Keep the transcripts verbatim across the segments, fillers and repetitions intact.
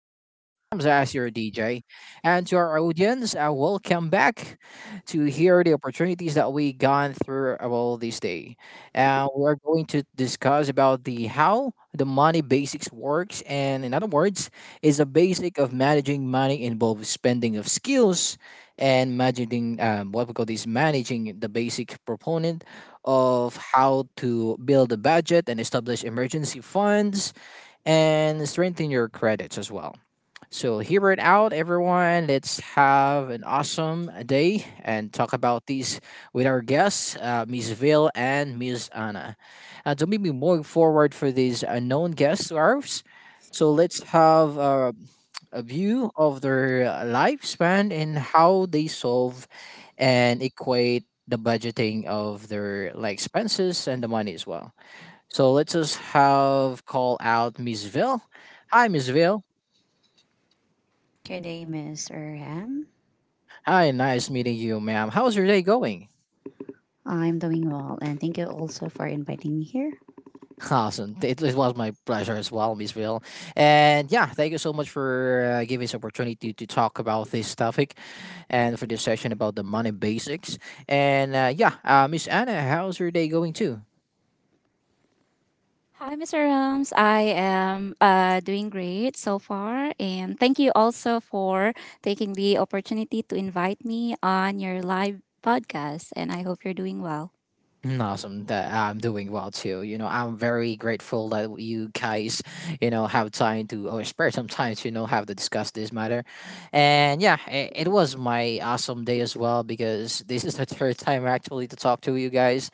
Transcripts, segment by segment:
My name is Rams as your D J. And to our audience, uh, welcome back to hear the opportunities that we gone through all this day. Uh, we're going to discuss about the how the money basics works, and in other words is a basic of managing money, involves spending of skills and managing um, what we call this, managing the basic proponent of how to build a budget and establish emergency funds and strengthen your credits as well. So, hear it out, everyone. Let's have an awesome day and talk about these with our guests, uh, Miss Ville and Miss Anna. And so, maybe moving forward for these unknown guests of ours. So, let's have uh, a view of their uh, lifespan and how they solve and equate the budgeting of their like expenses and the money as well. So let's just have call out Miss Ville. Hi, Miss Ville. Good day, Mister Ham. Hi, nice meeting you, ma'am. How's your day going? I'm doing well, and thank you also for inviting me here. Awesome. It, it was my pleasure as well, Miss Ville. And yeah, thank you so much for uh, giving us opportunity to talk about this topic and for this session about the money basics. And uh, yeah, uh, Miss Anna, how's your day going too? Hi, mister Rams. I am uh, doing great so far. And thank you also for taking the opportunity to invite me on your live podcast. And I hope you're doing well. Mm, Awesome that I'm doing well too. You know, I'm very grateful that you guys, you know, have time to or spare some time to, you know, have to discuss this matter. And yeah, it, it was my awesome day as well, because this is the third time actually to talk to you guys.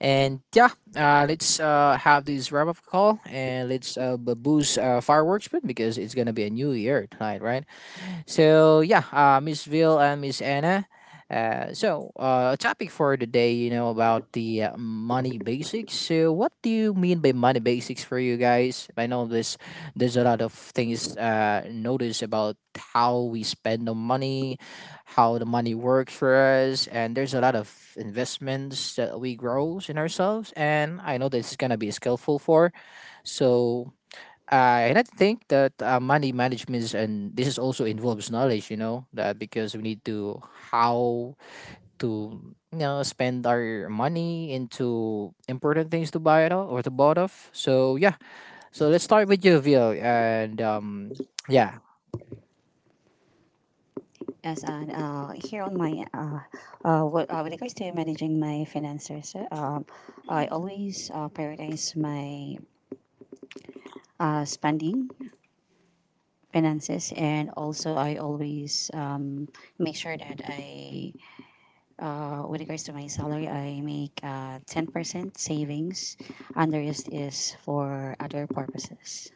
And yeah, uh, let's uh, have this wrap up call, and let's uh, b- boost uh, fireworks bit, because it's gonna be a new year tonight, right? So yeah, uh, Miss Ville and Miss Anna. Uh, so uh, topic for today, you know, about the uh, money basics. So what do you mean by money basics for you guys? I know this. There's a lot of things uh, notice about how we spend the money, how the money works for us, and there's a lot of investments that we grow in ourselves. And I know this is gonna be skillful for. So uh, and I think that uh, money management is, and this is also involves knowledge, you know, that because we need to how to you know spend our money into important things to buy it all or to bought off. So yeah, so let's start with you, Vil, and um, yeah. Yes, and uh, here on my uh, uh, what, uh, when it comes to managing my finances, uh, um, I always uh, prioritize my uh, spending finances, and also I always um, make sure that I, uh, with regards to my salary, I make uh, ten percent savings, and the rest is for other purposes.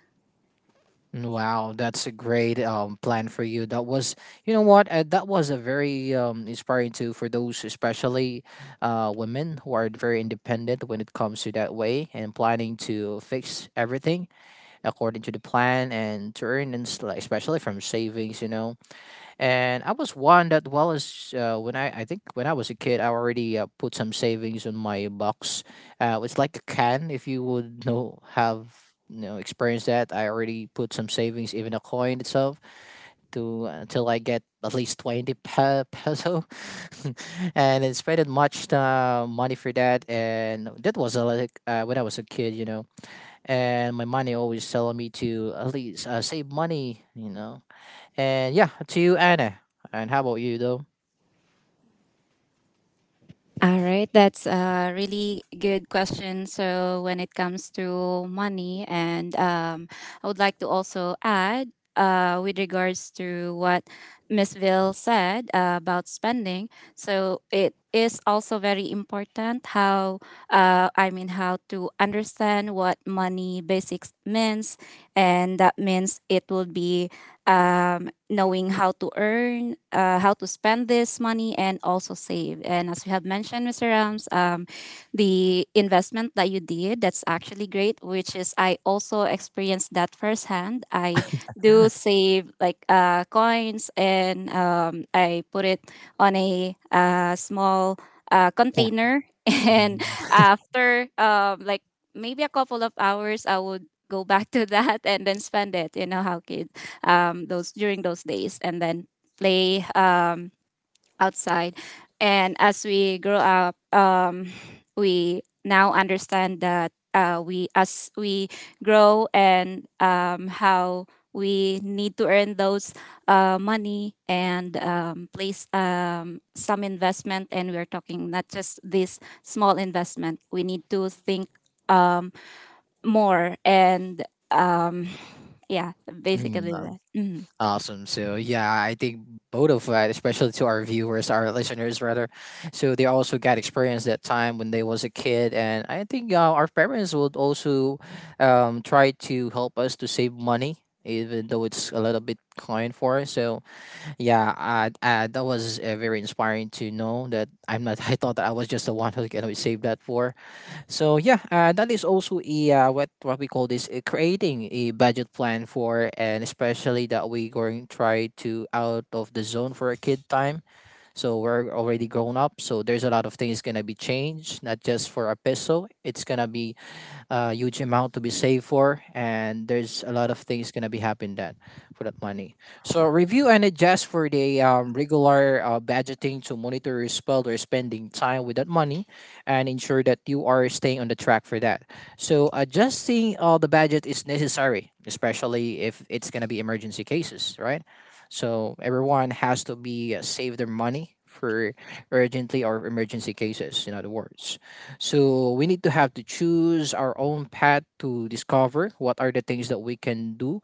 Wow, that's a great um, plan for you. That was, you know what, uh, that was a very um, inspiring too for those, especially uh, women who are very independent when it comes to that way, and planning to fix everything according to the plan and to earn, and s- like, especially from savings, you know. And I was one that, well, as uh, when I I think when I was a kid, I already uh, put some savings on my box. Uh, it's like a can, if you would know, have you know experienced that. I already put some savings, even a coin itself, to until I get at least twenty pe- peso, and I spent much uh, money for that. And that was uh, like uh, when I was a kid, you know. And my money always telling me to at least uh, save money, you know and yeah, to you, Anna. And how about you, though? All right, that's a really good question. So, when it comes to money, and um, I would like to also add uh, with regards to what Miss Ville said uh, about spending. So, it is also very important how, uh, I mean, how to understand what money basics means, and that means it will be um, knowing how to earn, uh, how to spend this money, and also save. And as you have mentioned, mister Rams, um, the investment that you did, that's actually great, which is I also experienced that firsthand. I do save like uh, coins, and um, I put it on a uh, small uh, Yeah. container. And Mhm. after um, like maybe a couple of hours, I would go back to that and then spend it. You know how kids um, those during those days, and then play um, outside. And as we grow up, um, we now understand that uh, we as we grow, and um, how we need to earn those uh, money, and um, place um, some investment. And we're talking not just this small investment, we need to think um, more and um, yeah, Mhm. basically Um, that. Mhm. Awesome. So yeah, I think both of us, especially to our viewers, our listeners rather, so they also got experience that time when they was a kid, and I think uh, our parents would also um, try to help us to save money, even though it's a little bit kind for us. So yeah, I, I, that was uh, very inspiring to know that I'm not. I thought that I was just the one who can always save that for. So yeah, uh, that is also a uh, what what we call this, uh, creating a budget plan for, and especially that we going try to out of the zone for a kid time. So we're already grown up, so there's a lot of things gonna be changed, not just for a peso. It's gonna be a huge amount to be saved for, and there's a lot of things gonna be happening that for that money. So review and adjust for the um, regular uh, budgeting to monitor your spend or spending time with that money, and ensure that you are staying on the track for that. So adjusting all the budget is necessary, especially if it's gonna be emergency cases, right? So everyone has to be uh, save their money for urgently or emergency cases, in other words. So we need to have to choose our own path to discover what are the things that we can do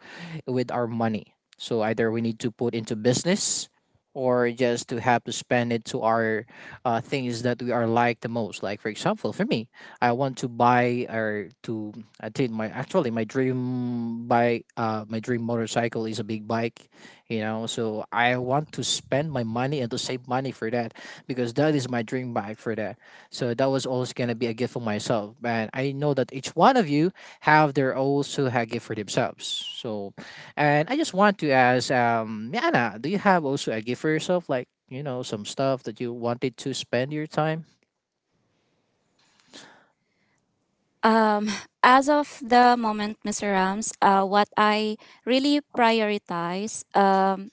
with our money. So either we need to put into business or just to have to spend it to our uh, things that we are like the most. Like for example, for me, I want to buy or to, I think my actually my dream bike, uh, my dream motorcycle is a big bike, you know. So I want to spend my money and to save money for that, because that is my dream bike for that, so that was also gonna be a gift for myself, and I know that each one of you have their also a gift for themselves. So, and I just want to ask, um, Yana, do you have also a gift for yourself, like you know some stuff that you wanted to spend your time? Um, as of the moment, mister Rams, uh, what I really prioritize. Um,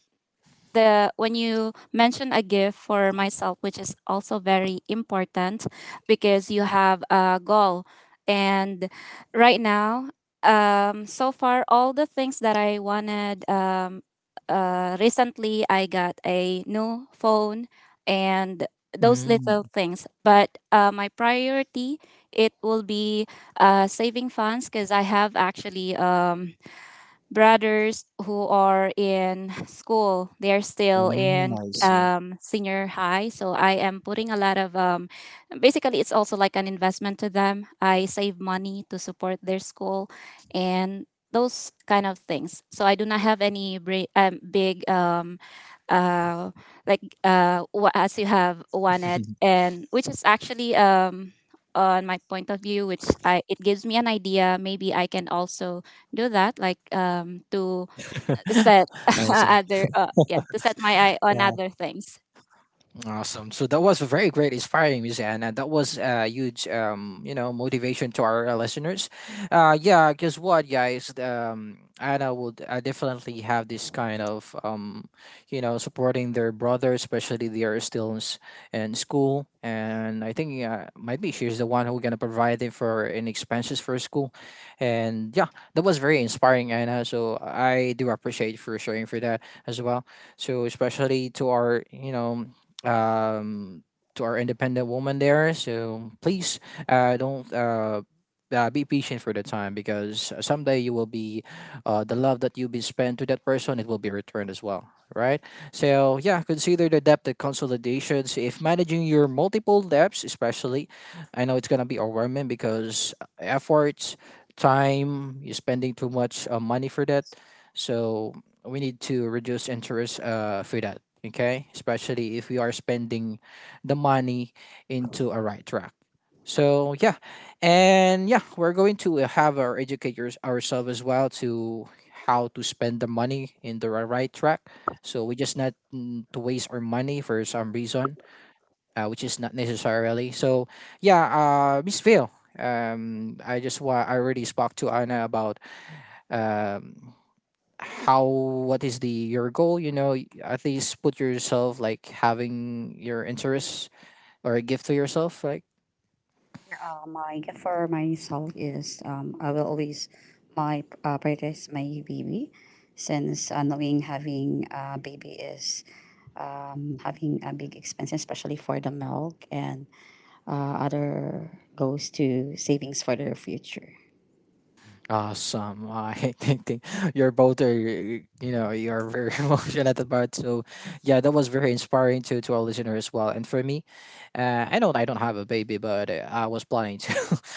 the when you mention a gift for myself, which is also very important because you have a goal. And right now, um, so far, all the things that I wanted, um, uh, recently I got a new phone and those little Mm. things. But uh, my priority, it will be uh, saving funds, because I have actually um, brothers who are in school. They are still mm in I see. um, senior high, so I am putting a lot of um, basically it's also like an investment to them. I save money to support their school and those kind of things. So I do not have any bri- um, big um, uh, like uh, wha- as you have wanted, and which is actually um, on my point of view, which I, it gives me an idea maybe I can also do that, like um to set I see. other uh, yeah, to set my eye on other things. Awesome. So that was very great, inspiring music, and uh, that was a uh, huge, um, you know, motivation to our uh, listeners. Uh, yeah, guess what, guys? Um, Anna would uh, definitely have this kind of, um, you know, supporting their brother, especially they are still in, s- in school, and I think uh, might be she's the one who gonna provide it for any expenses for school, and yeah, that was very inspiring, Anna. So I do appreciate for sharing for that as well. So especially to our, you know um, to our independent woman there. So please uh, don't uh, uh, be patient for the time, because someday you will be uh, the love that you be spent to that person, it will be returned as well, right? So yeah, consider the debt, the consolidations if managing your multiple debts, especially I know it's going to be overwhelming because efforts, time, you're spending too much uh, money for that. So we need to reduce interest uh, for that. Okay, especially if we are spending the money into a right track. So yeah, and yeah, we're going to have our educators ourselves as well to how to spend the money in the ri- right track. So we just not mm, to waste our money for some reason, uh, which is not necessarily. So yeah, uh, Miss Phil, um, I just wa- I already spoke to Anna about um how, what is the your goal, you know y- at least put yourself like having your interests or a gift to yourself like. Uh, my gift for myself is um, I will always my uh, prioritize my baby since uh, knowing having a baby is um, having a big expense, especially for the milk, and uh, other goes to savings for their future. Awesome. I think, think you're both are, you know you're very emotional at the part. So yeah, that was very inspiring to to our listener as well, and for me uh, I know I don't have a baby, but uh, I was planning to.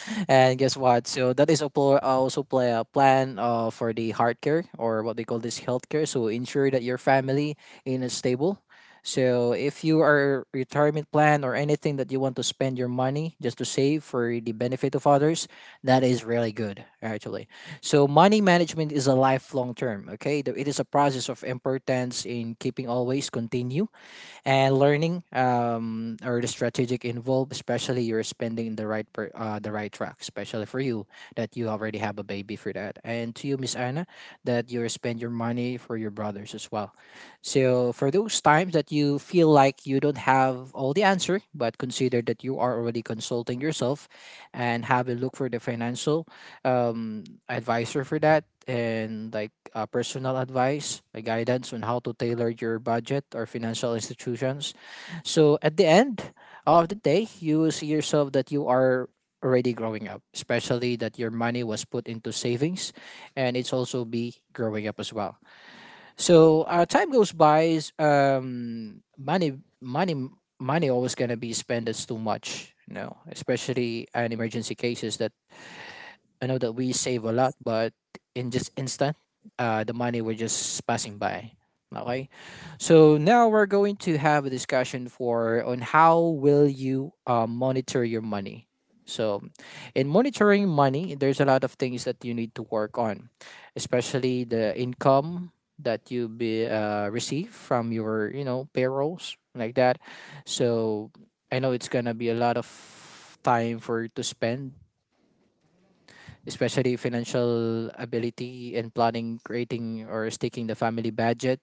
And guess what, so that is a pl- also play a plan uh, for the heart care, or what they call this healthcare, so ensure that your family in a stable. So if you are retirement plan or anything that you want to spend your money just to save for the benefit of others, that is really good actually. So money management is a lifelong term, okay? The- It is a process of importance in keeping always continue and learning um, or the strategic involved, especially you're spending in the right per, uh, the right track, especially for you that you already have a baby for that, and to you, Miss Anna, that you spend your money for your brothers as well. So for those times that you feel like you don't have all the answer, but consider that you are already consulting yourself and have a look for the financial um, advisor for that, and like uh, personal advice, uh, guidance on how to tailor your budget or financial institutions. So at the end of the day, you will see yourself that you are already growing up, especially that your money was put into savings, and it's also be growing up as well. So uh, time goes by, s- um, money, money, money always gonna be spent as too much. You know, especially in emergency cases that I know that we save a lot, but in just instant, uh, the money were just passing by. Okay, so now we're going to have a discussion for on how will you uh, monitor your money. So, in monitoring money, there's a lot of things that you need to work on, especially the income that you be uh, receive from your you know payrolls like that. So I know it's gonna be a lot of time for you to spend especially financial ability and planning, creating or sticking the family budget.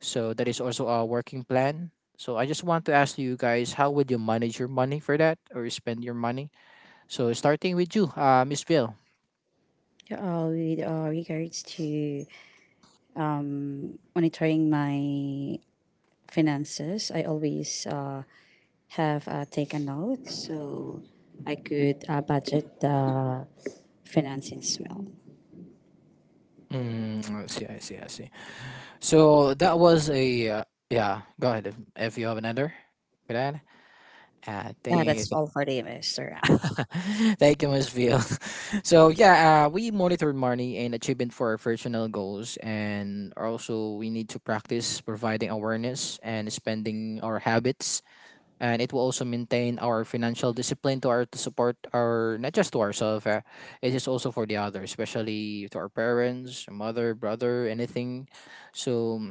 So that is also a working plan. So I just want to ask you guys, how would you manage your money for that or spend your money? So starting with you, uh, Miss Bill. Uh, with uh, regards to um, monitoring my finances, I always uh, have uh, taken note so I could uh, budget the finances well. Mm, I see, I see, I see. So that was a uh, yeah. Go ahead if, if you have another for that. I Uh, think. That's all for the Mister Ram. Thank you, Miss Phil. So yeah, uh, we monitor money and achievement for our personal goals, and also we need to practice providing awareness and spending our habits, and it will also maintain our financial discipline to our to support our not just to ourselves, uh, it is also for the others, especially to our parents, mother, brother, anything. So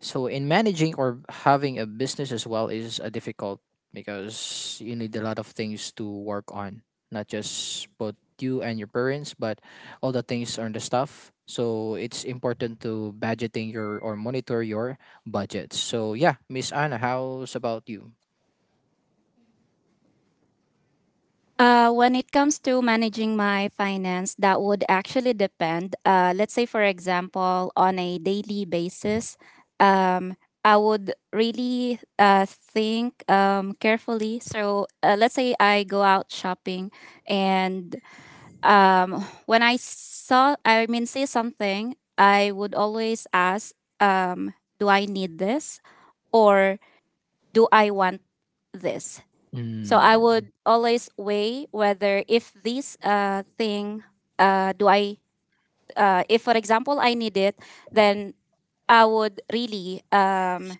so in managing or having a business as well is a difficult because you need a lot of things to work on, not just both you and your parents, but all the things on the stuff. So it's important to budgeting your or monitor your budgets. So yeah, Miss Anna, how's about you? Uh when it comes to managing my finance, that would actually depend. Uh let's say, for example, on a daily basis, um I would really uh, think um, carefully. So uh, let's say I go out shopping, and um, when I saw, I mean, see something, I would always ask, um, do I need this? Or do I want this? So I Mm. would always weigh whether if this uh, thing, uh, do I uh, if for example I need it, then I would really um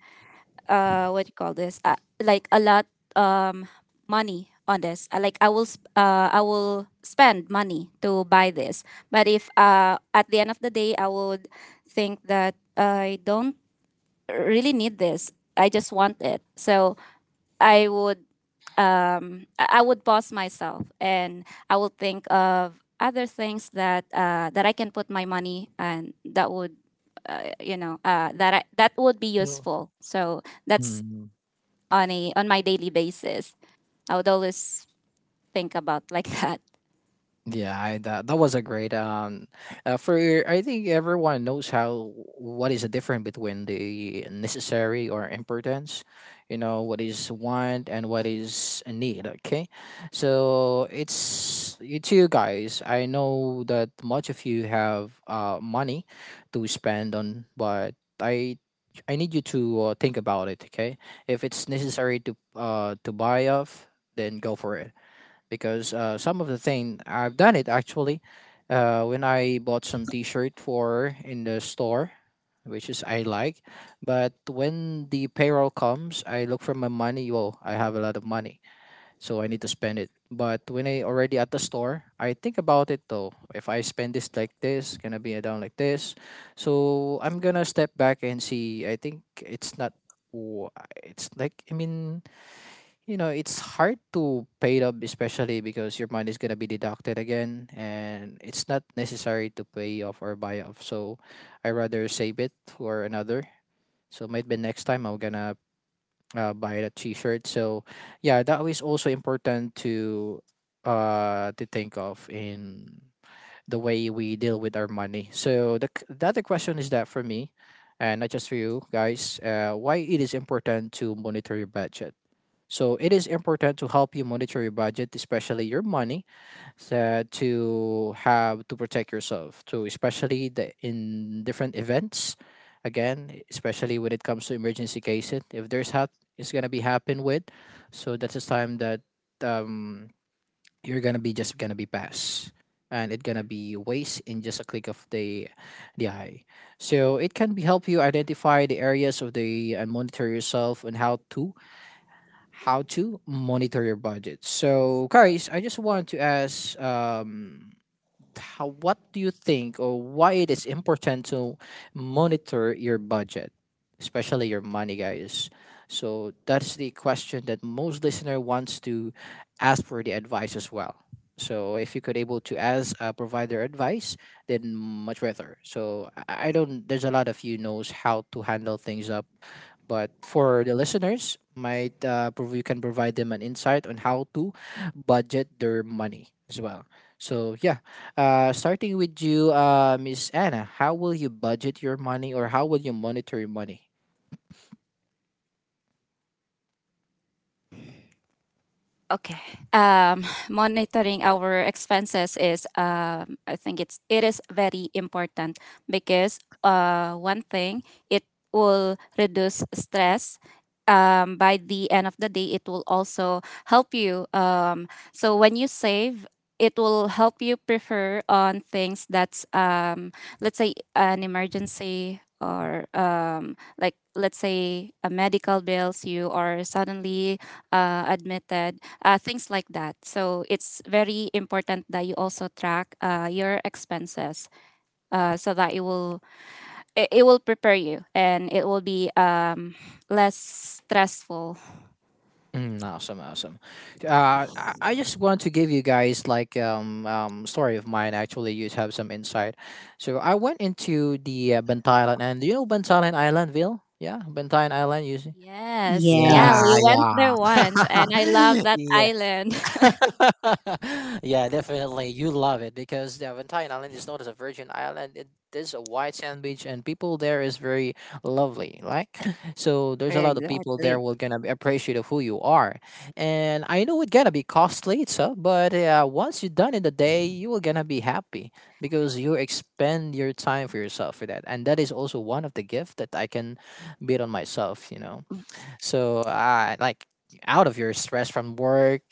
uh what do you call this, uh, like a lot um money on this. Uh, Like I will sp- uh I will spend money to buy this. But if uh at the end of the day I would think that I don't really need this. I just want it. So I would um, I I would pause myself, and I will think of other things that uh, that I can put my money, and that would uh, you know uh, that I, that would be No. useful. So that's Mm. on a on my daily basis. I would always think about like that. Yeah, I, that that was a great um uh, for I think everyone knows how what is the difference between the necessary or importance, you know, what is want and what is a need, okay? So it's it's you guys. I know that much of you have uh money to spend on, but I I need you to uh, think about it, okay? If it's necessary to uh to buy off, then go for it because uh, some of the thing I've done it actually uh, when I bought some T-shirt for in the store, which is I like. But when the payroll comes, I look for my money. Well, I have a lot of money, so I need to spend it. But when I already at the store, I think about it though. If I spend this like this, gonna be down like this. So I'm gonna step back and see. I think it's not. w- It's like I mean you know it's hard to pay it up especially because your money is going to be deducted again and it's not necessary to pay off or buy off, so I rather save it for another. So maybe next time I'm gonna uh, buy that t-shirt. So yeah, that is also important to uh to think of in the way we deal with our money. So the, c- the other question is that for me and not just for you guys, uh, why it is important to monitor your budget. So it is important to help you monitor your budget, especially your money, so to have to protect yourself. To especially the, in different events, again, especially when it comes to emergency cases, if there's hap it's gonna be happen with, so that's the time that um, you're gonna be just gonna be passed. And it gonna be waste in just a click of the the eye. So it can be help you identify the areas of the and monitor yourself and how to how to monitor your budget. So, guys, I just want to ask. Um, how, what do you think or why it is important to monitor your budget, especially your money, guys? So that's the question that most listener wants to ask for the advice as well. So if you could able to ask uh, provide their advice, then much better. So I I don't. There's a lot of you knows how to handle things up, but for the listeners, might uh, prov- you can provide them an insight on how to budget their money as well. So yeah, uh, starting with you, uh, Miss Anna, how will you budget your money or how will you monitor your money? Okay. Um, monitoring our expenses is, um, I think it's it is very important, because uh, one thing, it will reduce stress. Um, by the end of the day, it will also help you. Um, so when you save, it will help you prefer on things that's um, let's say an emergency, or um, like let's say a medical bills you are suddenly uh, admitted, uh, things like that. So it's very important that you also track uh, your expenses, uh, so that it will it, it will prepare you, and it will be um, less stressful. Mm, awesome, awesome. Uh, I, I just want to give you guys like um, um story of mine. Actually, you have some insight. So I went into the uh, Bantayan and do you know Bantayan Island, Ville? Yeah, Bantayan Island. You see? Yes, yeah, Yeah, we Yes. went there once, and I yeah, love that yeah. island. Yeah, definitely. You love it because the Valentine Island is not as a virgin island. It is a white sand beach, and people there is very lovely. Like, so there's a lot of people there Exactly. will gonna be appreciative of who you are. And I know it's gonna be costly, so but uh, once you're done in the day, you are gonna be happy because you expend your time for yourself for that, and that is also one of the gift that I can beat on myself. You know. So uh, like out of your stress from work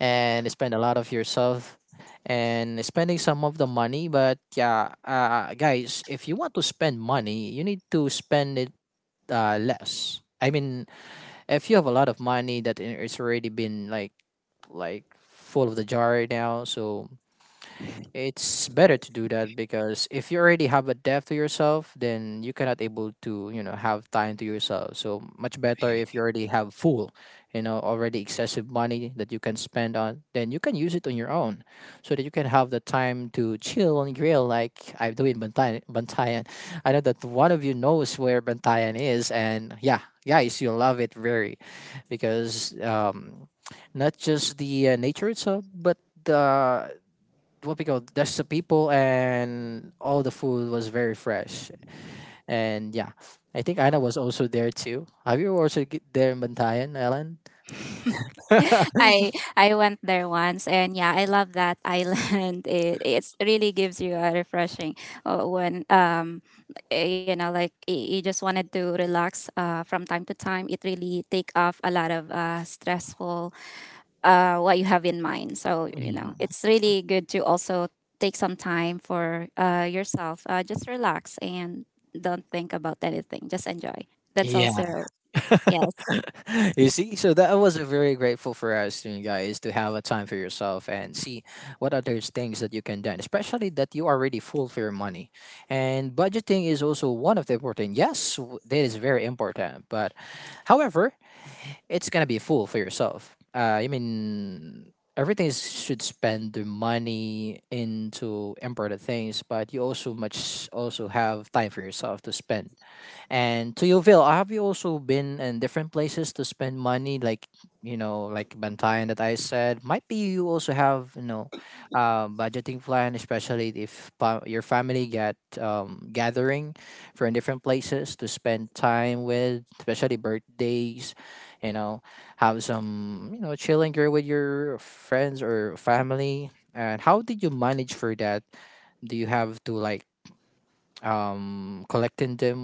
and spend a lot of yourself and spending some of the money. But yeah, uh, guys, if you want to spend money, you need to spend it uh, less. I mean, if you have a lot of money that i- it's already been like like full of the jar now, so it's better to do that because if you already have a depth to yourself, then you cannot able to, you know, have time to yourself. So much better if you already have full, you know, already excessive money that you can spend on, then you can use it on your own so that you can have the time to chill and grill like I do in Bantayan. Bantayan. I know that one of you knows where Bantayan is and yeah, guys, you love it very because um, not just the uh, nature itself, but the what we call there's the people and all the food was very fresh. And yeah, I think Anna was also there too. Have you also get there in Bantayan, Ellen? I I went there once, and yeah, I love that island. It it's really gives you a refreshing uh, when um eh, you know, like y- you just wanted to relax uh from time to time. It really take off a lot of uh stressful uh what you have in mind. So you know, Mhm. it's really good to also take some time for uh yourself. Uh, just relax and don't think about anything. Just enjoy. That's Yeah. also yes. You see, so that was very grateful for us you guys to have a time for yourself and see what other things that you can do, especially that you are already full for your money. And budgeting is also one of the important, yes. W- that is very important, but however it's gonna be full for yourself. Uh, I mean, everything is, should spend their money into important things, but you also much also have time for yourself to spend. And to Yoville, have you also been in different places to spend money, like you know, like Bantayan that I said? Might be you also have you know, uh, budgeting plan, especially if pa- your family get um, gathering from different places to spend time with, especially birthdays. You know, have some you know chilling here with your friends or family. And how did you manage for that? Do you have to like um collecting them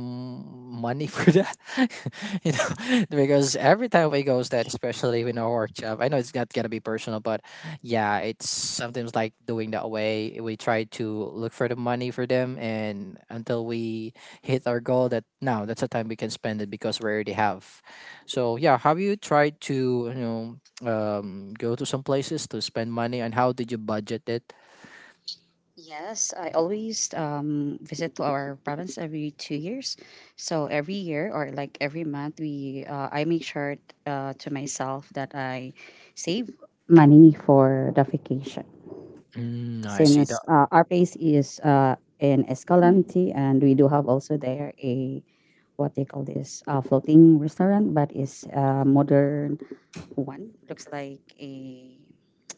money for that? You know. Because every time we goes that, especially in our workshop, I know it's not gonna be personal, but yeah, it's sometimes like doing that way. We try to look for the money for them and until we hit our goal that now that's the time we can spend it because we already have. So yeah, have you tried to you know um go to some places to spend money and how did you budget it? Yes, I always um, visit to our province every two years. So every year or like every month, we uh, I make sure uh, to myself that I save money for the vacation. Mm, I see Since that. uh, our place is uh, in Escalante, and we do have also there a, what they call this, uh, floating restaurant, but it's a modern one. Looks like a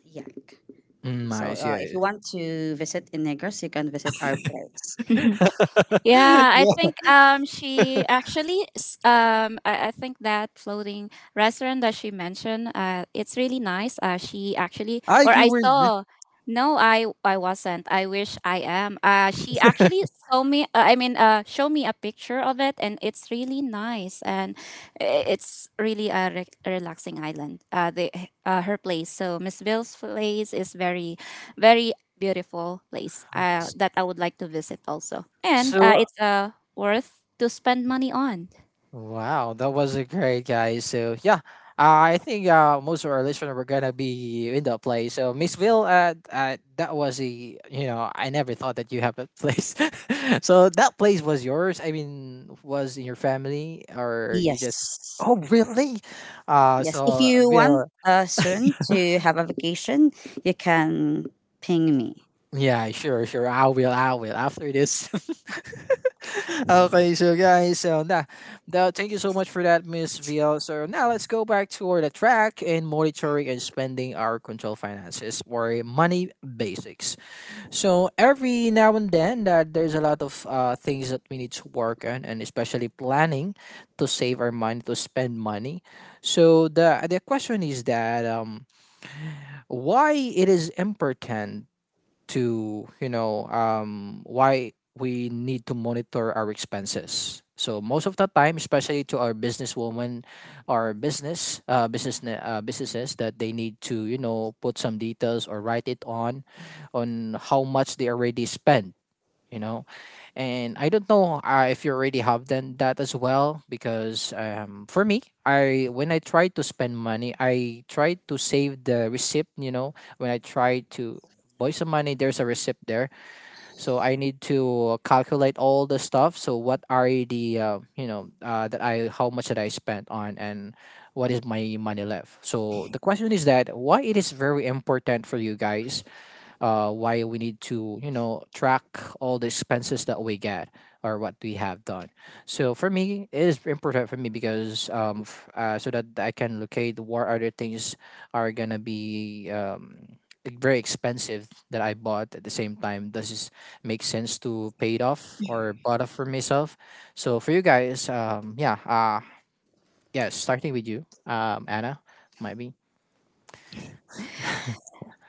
yak. Mm, So I uh, if see. you want to visit in Negros, you can visit our place. I- Yeah, I think um she actually s- um I, I think that floating restaurant that she mentioned, uh it's really nice. Uh she actually, Ah, or you I were th- saw. No, I I wasn't. I wish I am. Uh she actually saw me, uh, I mean, uh show me a picture of it, and it's really nice, and i- it's really a, re- relaxing island. Uh the eh, uh, her place. So Miss Bill's place is very very beautiful place uh, s- that I would like to visit also. And uh, so it's uh, worth to spend money on. wow, that was a great guys. So yeah, uh, I think uh, most of our listeners were gonna be in that place. So Miss Ville, uh, uh, that was a you know I never thought that you have a place. So that place was yours. I mean, was in your family or you just? Yes. Oh really? Uh, Yes. If So you Will. want uh, soon to have a vacation, you can ping me. Yeah, sure, sure. I will. I will. After this. Okay, so guys, so nah, now thank you so much for that, Miss V L. So now let's go back toward the track and monitoring and spending our control finances or money basics. So every now and then, that there's a lot of uh, things that we need to work on, and especially planning to save our money to spend money. So the the question is that um, why it is important to, you know um, why we need to monitor our expenses. So most of the time, especially to our businesswoman or business uh, business ne- uh, businesses, that they need to you know put some details or write it on on how much they already spend you know and I don't know, uh, if you already have done that as well, because um, for me, I when I try to spend money, I try to save the receipt you know When I try to buy some money, there's a receipt there. So I need to calculate all the stuff, so what are the, uh, you know uh, that I how much that I spent on, and what is my money left. So the question is that why it is very important for you guys, uh, why we need to you know track all the expenses that we get or what we have done. So for me, it is important for me because um f- uh, so that I can locate what other things are gonna be um like, very expensive that I bought at the same time. Does this make sense to pay it off or bought off for myself? So for you guys, um yeah, uh yeah, starting with you, um Anna, might be.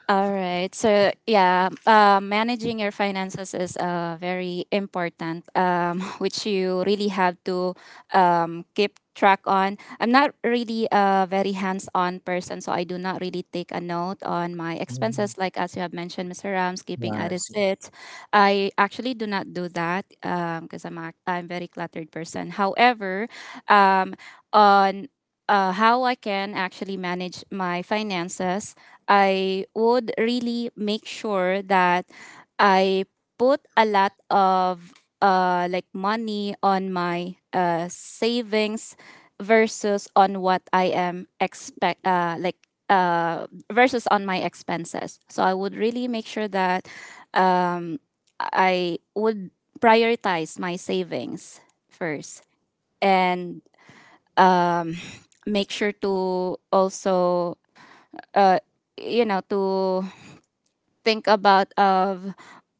All right. So yeah, uh, managing your finances is uh, very important, um, which you really have to um, keep track on. I'm not really a very hands-on person, so I do not really take a note on my Mm, expenses. Like as you have mentioned, mister Rams, keeping yeah, a I see. receipt. I actually do not do that, because I'm a, I'm very cluttered person. However, um, on uh, how I can actually manage my finances, I would really make sure that I put a lot of uh, like money on my uh, savings versus on what I am expect uh, like uh, versus on my expenses. So I would really make sure that um, I would prioritize my savings first, and um, make sure to also uh, you know, to think about of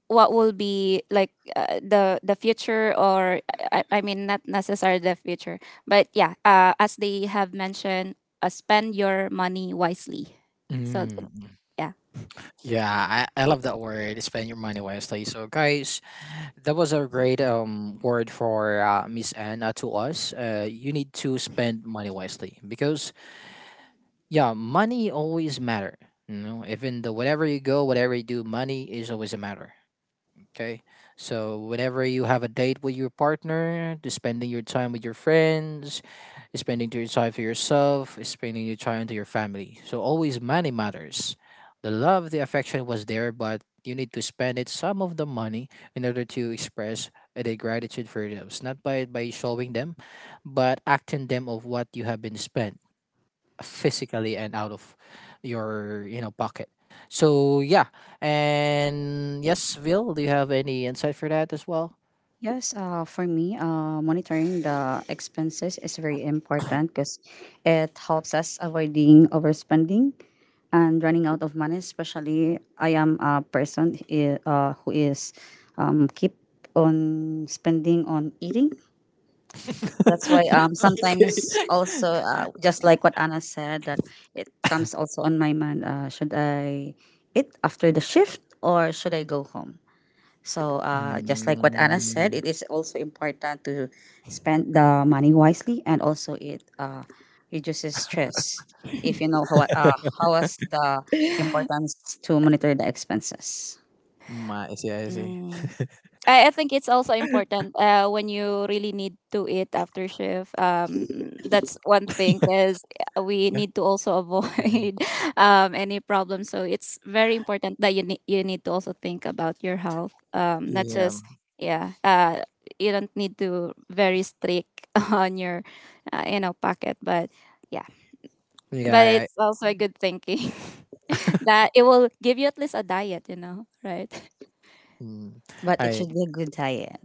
what will be like uh, the the future, or I, I mean not necessarily the future, but yeah, uh, as they have mentioned, uh, spend your money wisely, so Mm. yeah. Yeah, I, I love that word. Spend your money wisely. So, guys, that was a great um word for uh, Miss Anna to us. Uh, you need to spend money wisely, because yeah, money always matter. You know, even the whatever you go, whatever you do, money is always a matter. Okay. So whenever you have a date with your partner, just spending your time with your friends, spending your time for yourself, spending your time to your family. So always money matters. The love, the affection was there, but you need to spend it some of the money in order to express the gratitude for those. Not by by showing them, but acting them of what you have been spent physically and out of your you know pocket. So yeah. And yes, Vil, do you have any insight for that as well? Yes, uh, for me, uh, monitoring the expenses is very important because it helps us avoiding overspending and running out of money. Especially, I am a person i- uh, who is um, keep on spending on eating. That's why um, Okay. sometimes also uh, just like what Anna said, that it comes also on my mind. Uh, should I eat after the shift or should I go home? So, uh, just Mm, like what Anna said, it is also important to spend the money wisely, and also it uh, reduces stress if you know how uh, how is the importance to monitor the expenses. mm. I see, I see. I, I think it's also important uh, when you really need to eat after shift. Um, that's one thing, because we Yeah, need to also avoid um, any problem. So it's very important that you need you need to also think about your health. Um, not yeah, just yeah. Uh, you don't need to very strict on your uh, you know, pocket, but yeah. But yeah. it's I, also I, a good thinking that it will give you at least a diet. You know, right? mm. But it I. should be a good diet,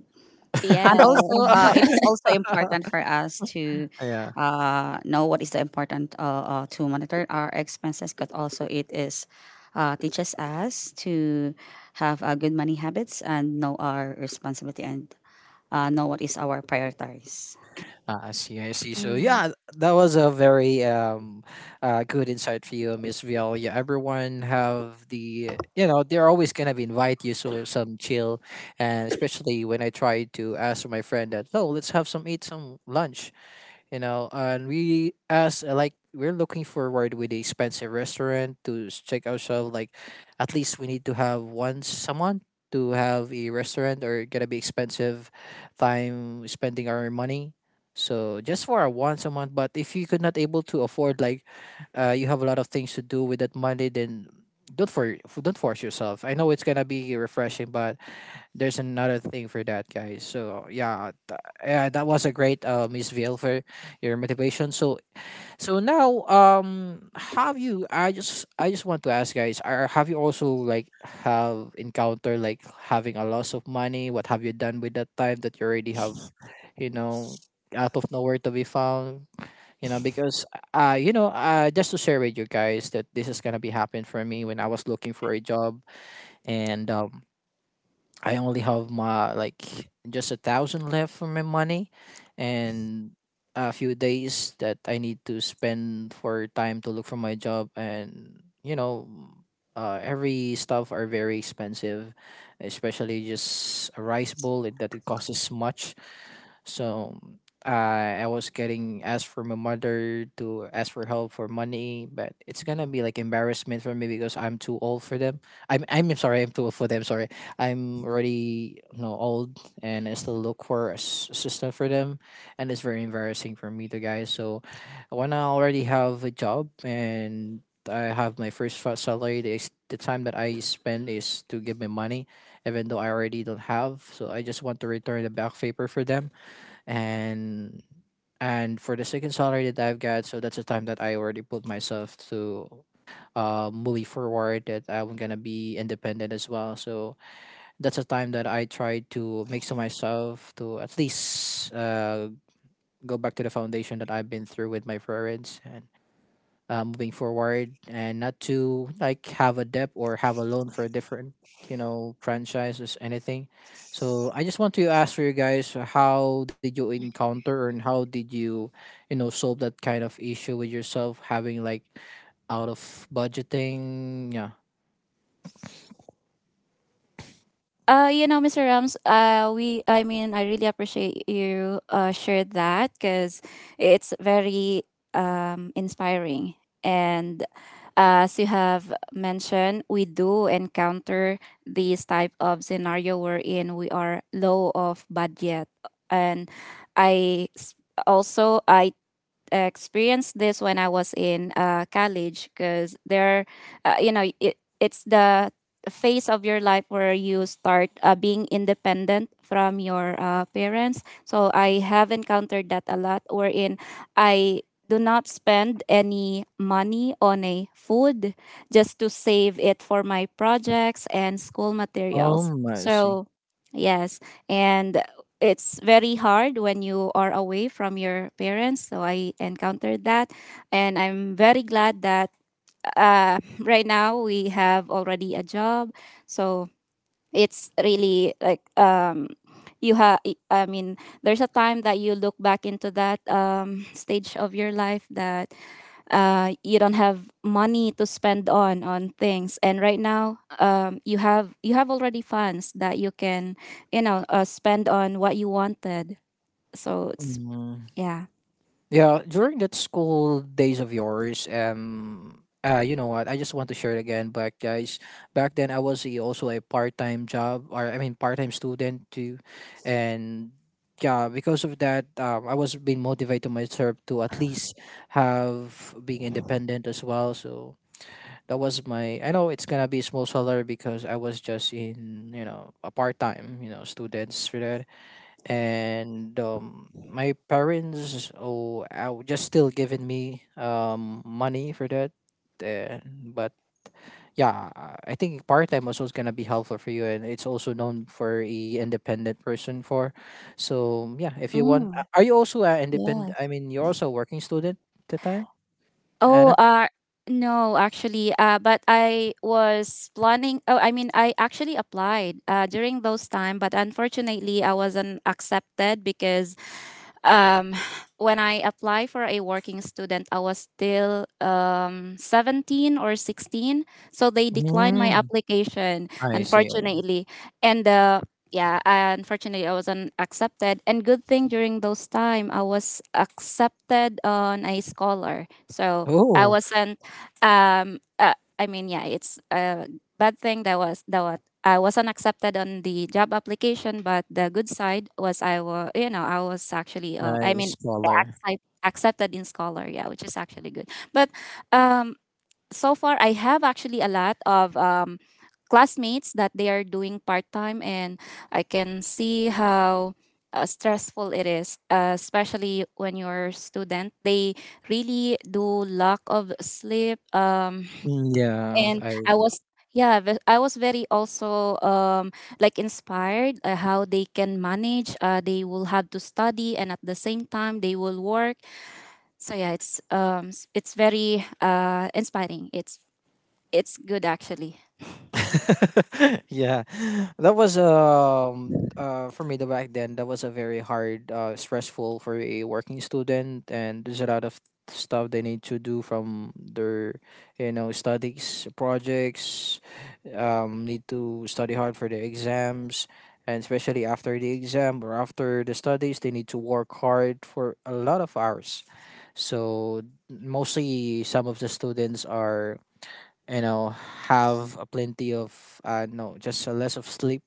Yeah. and also uh, it is also important for us to Yeah. uh, know what is the important, uh, uh, to monitor our expenses, but also it is uh, teaches us to have uh, good money habits and know our responsibility, and uh, know what is our priorities. Uh, I see, I see. So yeah, that was a very um, uh, good insight for you, Miss Vial. Yeah, everyone have the you know they're always gonna be invite you to some chill, and especially when I try to ask my friend that, oh, let's have some eat some lunch you know and we as uh, like, we're looking forward with a expensive restaurant to s- check ourselves, like at least we need to have one someone to have a restaurant or gonna be expensive time spending our money. So just for a once a month. But if you could not able to afford, like, uh, you have a lot of things to do with that money, then don't for don't force yourself. I know it's gonna be refreshing, but there's another thing for that, guys. So yeah, th- yeah, that was a great uh Miss Vale, for your motivation. So so now, um have you I just I just want to ask, guys, are have you also, like, have encountered, like, having a loss of money, what have you done with that time that you already have, you know, out of nowhere to be found, you know, because uh you know uh just to share with you guys that this is gonna be happening for me when I was looking for a job, and um I only have my, like, just a thousand left for my money, and a few days that I need to spend for time to look for my job, and you know, uh, every stuff are very expensive, especially just a rice bowl, it, that it costs much. So I I was getting asked for my mother to ask for help for money, but it's gonna be like embarrassment for me because I'm too old for them. I'm I'm sorry, I'm too old for them. Sorry. I'm already, you know old, and I still look for a s- s- stuff for them, and it's very embarrassing for me to, guys. So when I already have a job and I have my first fa- salary, the, s- the time that I spend is to give me money, even though I already don't have. So I just want to return the back paper for them and. And for the second salary that I've got, so that's the time that I already put myself to uh, moving forward, that I'm gonna be independent as well. So that's a time that I try to make sure myself to at least, uh, go back to the foundation that I've been through with my parents, and uh, moving forward, and not to, like, have a debt or have a loan for a different, you know franchises, anything. So I just want to ask for you guys, how did you encounter and how did you, you know solve that kind of issue with yourself, having like, out of budgeting. Yeah. Uh, you know, mister Rams, uh, we, I mean, I really appreciate you uh, shared that, because it's very um, inspiring. And uh, as you have mentioned, we do encounter these type of scenario wherein we are low of budget. And I s- Also, I experienced this when I was in uh, college, because there, uh, you know, it, it's the phase of your life where you start uh, being independent from your uh, parents. So I have encountered that a lot, wherein I do not spend any money on a food, just to save it for my projects and school materials. Oh, I see. So yes, and it's very hard when you are away from your parents. So I encountered that. And I'm very glad that uh, right now we have already a job. So it's really like, um, you have, I mean, there's a time that you look back into that um, stage of your life that uh, you don't have money to spend on on things, and right now um, you have you have already funds that you can you know uh, spend on what you wanted, so it's yeah. Yeah, during that school days of yours, um, uh, you know what? I just want to share it again, back, guys. Back then, I was a, also a part-time job, or I mean, part-time student too, and yeah, because of that, um, I was being motivated myself to at least have being independent as well. So that was my. I know it's gonna be small salary because I was just in, you know, a part-time, you know, students for that, and um, my parents oh out just still giving me um money for that, and but yeah, uh, I think part-time also is gonna be helpful for you, and it's also known for a independent person for. So yeah, if you want Mm, a- are you also an independent, I yes. mean, you're also a working student at the time, Oh, Anna? uh no, actually, uh but I was planning, oh, I mean, I actually applied uh during those time, but unfortunately I wasn't accepted, because Um, when I apply for a working student, I was still um, seventeen or sixteen. So they declined my Mm, application, I see. unfortunately. And uh, yeah, I, unfortunately, I wasn't accepted. And good thing during those time, I was accepted on a scholar. So I Oh, wasn't, um, uh, I mean, yeah, it's a bad thing that was, that was I wasn't accepted on the job application, but the good side was I was, you know, I was actually, uh, I mean, nice color. I accepted in Scholar, yeah, which is actually good. But um, so far, I have actually a lot of um, classmates that they are doing part time, and I can see how uh, stressful it is, uh, especially when you're a student. They really do lack of sleep. Um, yeah, and I, I was yeah ve- I was very also um like inspired, uh, how they can manage. Uh they will have to study, and at the same time they will work. So yeah, it's um s- it's very uh inspiring. It's it's good actually. yeah. that was, um uh for me, the back then, that was a very hard, uh stressful for a working student, and there's a lot of stuff they need to do from their, you know studies, projects, um need to study hard for the exams, and especially after the exam or after the studies, they need to work hard for a lot of hours. So mostly, some of the students are, you know have a plenty of, uh no, just a less of sleep,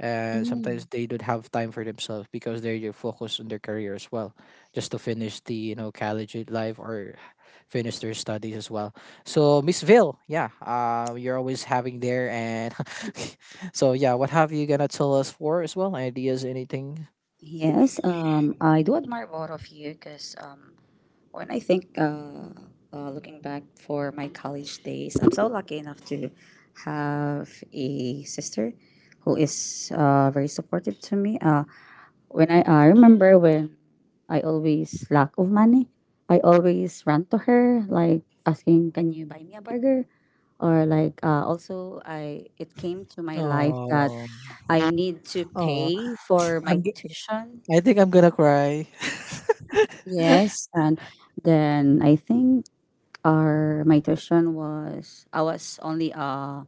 and sometimes Mm. they don't have time for themselves because they're focused on their career as well, just to finish the, you know college life or finish their studies as well. So, Miss Ville, yeah, uh, you're always having there, and so yeah, what have you gonna tell us for, as well, ideas, anything? Yes, um, I do admire both of you because um, when I think, uh, uh, looking back for my college days, I'm so lucky enough to have a sister who is uh, very supportive to me. Uh, when I, I remember when I always lack of money, I always ran to her like asking, "Can you buy me a burger?" Or like uh, also, I, it came to my life that Oh, I need to oh, pay for my i'm g- tuition. I think I'm gonna cry. Yes, and then I think our my tuition was, I was only a,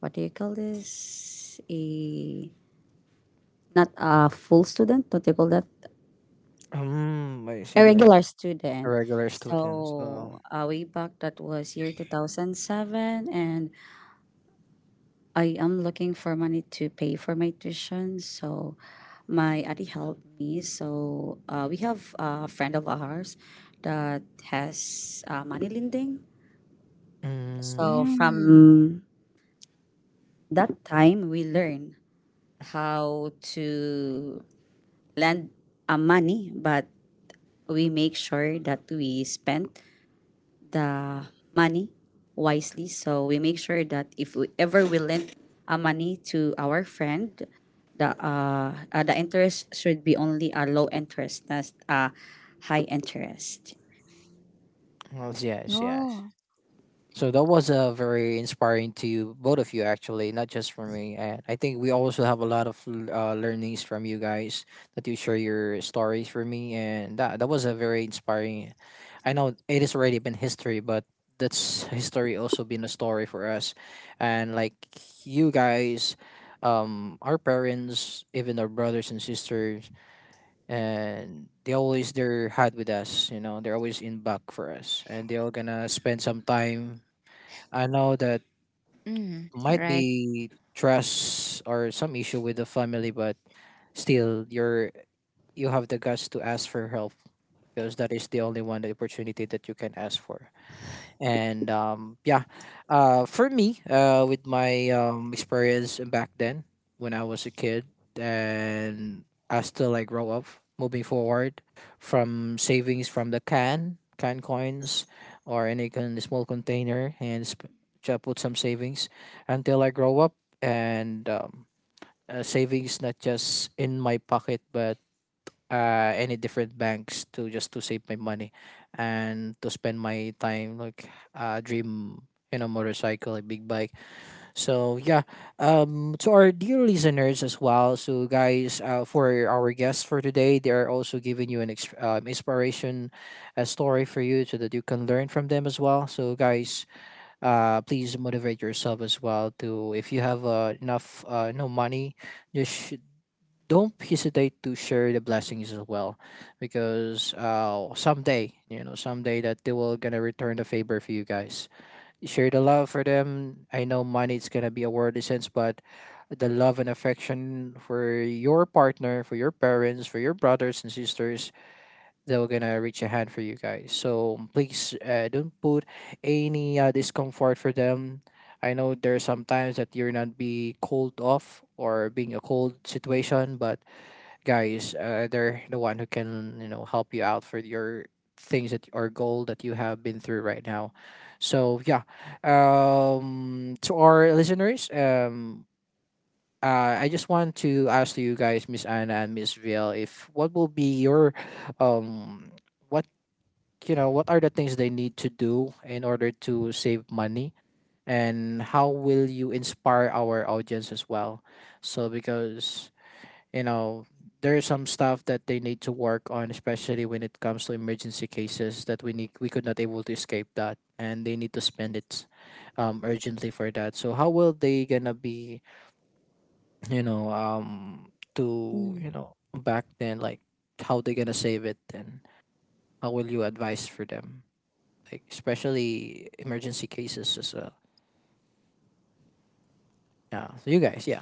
what do you call this? A, not a full student. What do you call that? um I A see, like regular a student. regular student, so. So uh, way back, that was year two thousand seven, and I am looking for money to pay for my tuition. So my auntie helped me. So uh, we have a friend of ours that has uh, money lending. So Mm, Mm. from that time, we learn how to lend a money, but we make sure that we spend the money wisely. So we make sure that if we ever we lend a money to our friend, the uh, uh the interest should be only a low interest, not a high interest. well, yes, yes. Oh. So that was, uh, very inspiring to both of you, actually, not just for me. And I think we also have a lot of l- uh, learnings from you guys, that you share your stories for me, and that that was a very inspiring. I know it has already been history, but that's history also been a story for us, and like you guys, um, our parents, even our brothers and sisters, and they always they're hard with us, you know they're always in back for us, and they're gonna spend some time. I know that Mm. might Right. be trust or some issue with the family, but still, you're you have the guts to ask for help, because that is the only one the opportunity that you can ask for, and, um, yeah, uh, for me, uh, with my, um, experience back then when I was a kid, and as still, like, grow up, moving forward from savings, from the can can coins or any kind small container and sp- just put some savings until I grow up, and, um, uh, savings not just in my pocket but, uh, any different banks to just to save my money, and to spend my time like, uh, dream, you know motorcycle, a big bike. So yeah. Um to our dear listeners as well, so guys, uh, for our guests for today, they are also giving you an ex- um, inspiration, a story for you, so that you can learn from them as well, so guys, uh please motivate yourself as well, to, if you have, uh, enough, uh, no money, just sh- don't hesitate to share the blessings as well, because uh, someday, you know someday that they will gonna return the favor for you guys, share the love for them. I know money is gonna be a worldly sense, but the love and affection for your partner, for your parents, for your brothers and sisters, they're gonna reach a hand for you guys. So please, uh, don't put any, uh, discomfort for them. I know there's sometimes that you're not be cold off or being a cold situation, but guys. Uh, they're the one who can you know help you out for your things that or goal that you have been through right now. So yeah, um, to our listeners, um, uh, I just want to ask you guys, Miss Anna and Miss Ville, if what will be your um, what you know what are the things they need to do in order to save money, and how will you inspire our audience as well? So because you know there's some stuff that they need to work on, especially when it comes to emergency cases that we need we could not able to escape that, and they need to spend it um, urgently for that. So how will they gonna be, you know um to you know back then, like how they gonna save it, and how will you advise for them, like especially emergency cases as well? Yeah, so you guys, yeah.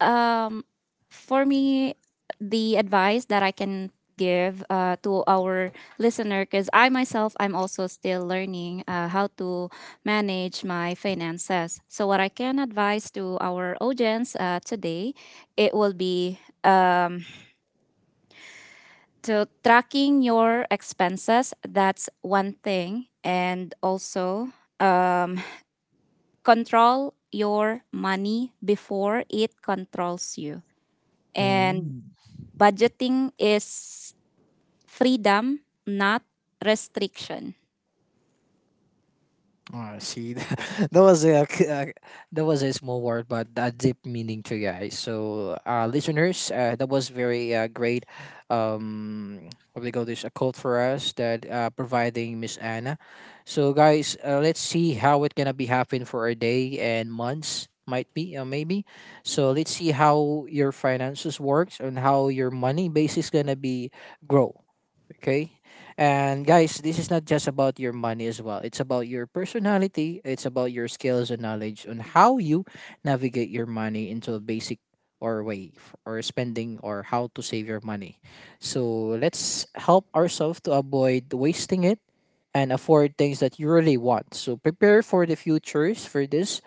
um, for me, the advice that I can give uh, to our listener, because I myself, I'm also still learning uh, how to manage my finances. So, what I can advise to our audience uh, today, it will be um, to tracking your expenses. That's one thing, and also um, control your money before it controls you. And Mm. budgeting is freedom, not restriction. Ah, see, that was a uh, that was a small word, but a deep meaning to guys. So, uh, listeners, uh, that was very uh, great. Um, what do they call this? A quote for us that uh, providing Miss Anna. So, guys, uh, let's see how it gonna be happen for a day and months, might be or maybe. So let's see how your finances works and how your money base is gonna be grow. Okay, and guys, this is not just about your money as well. It's about your personality, it's about your skills and knowledge on how you navigate your money into a basic or way f- or spending or how to save your money. So let's help ourselves to avoid wasting it and afford things that you really want. So prepare for the futures for this,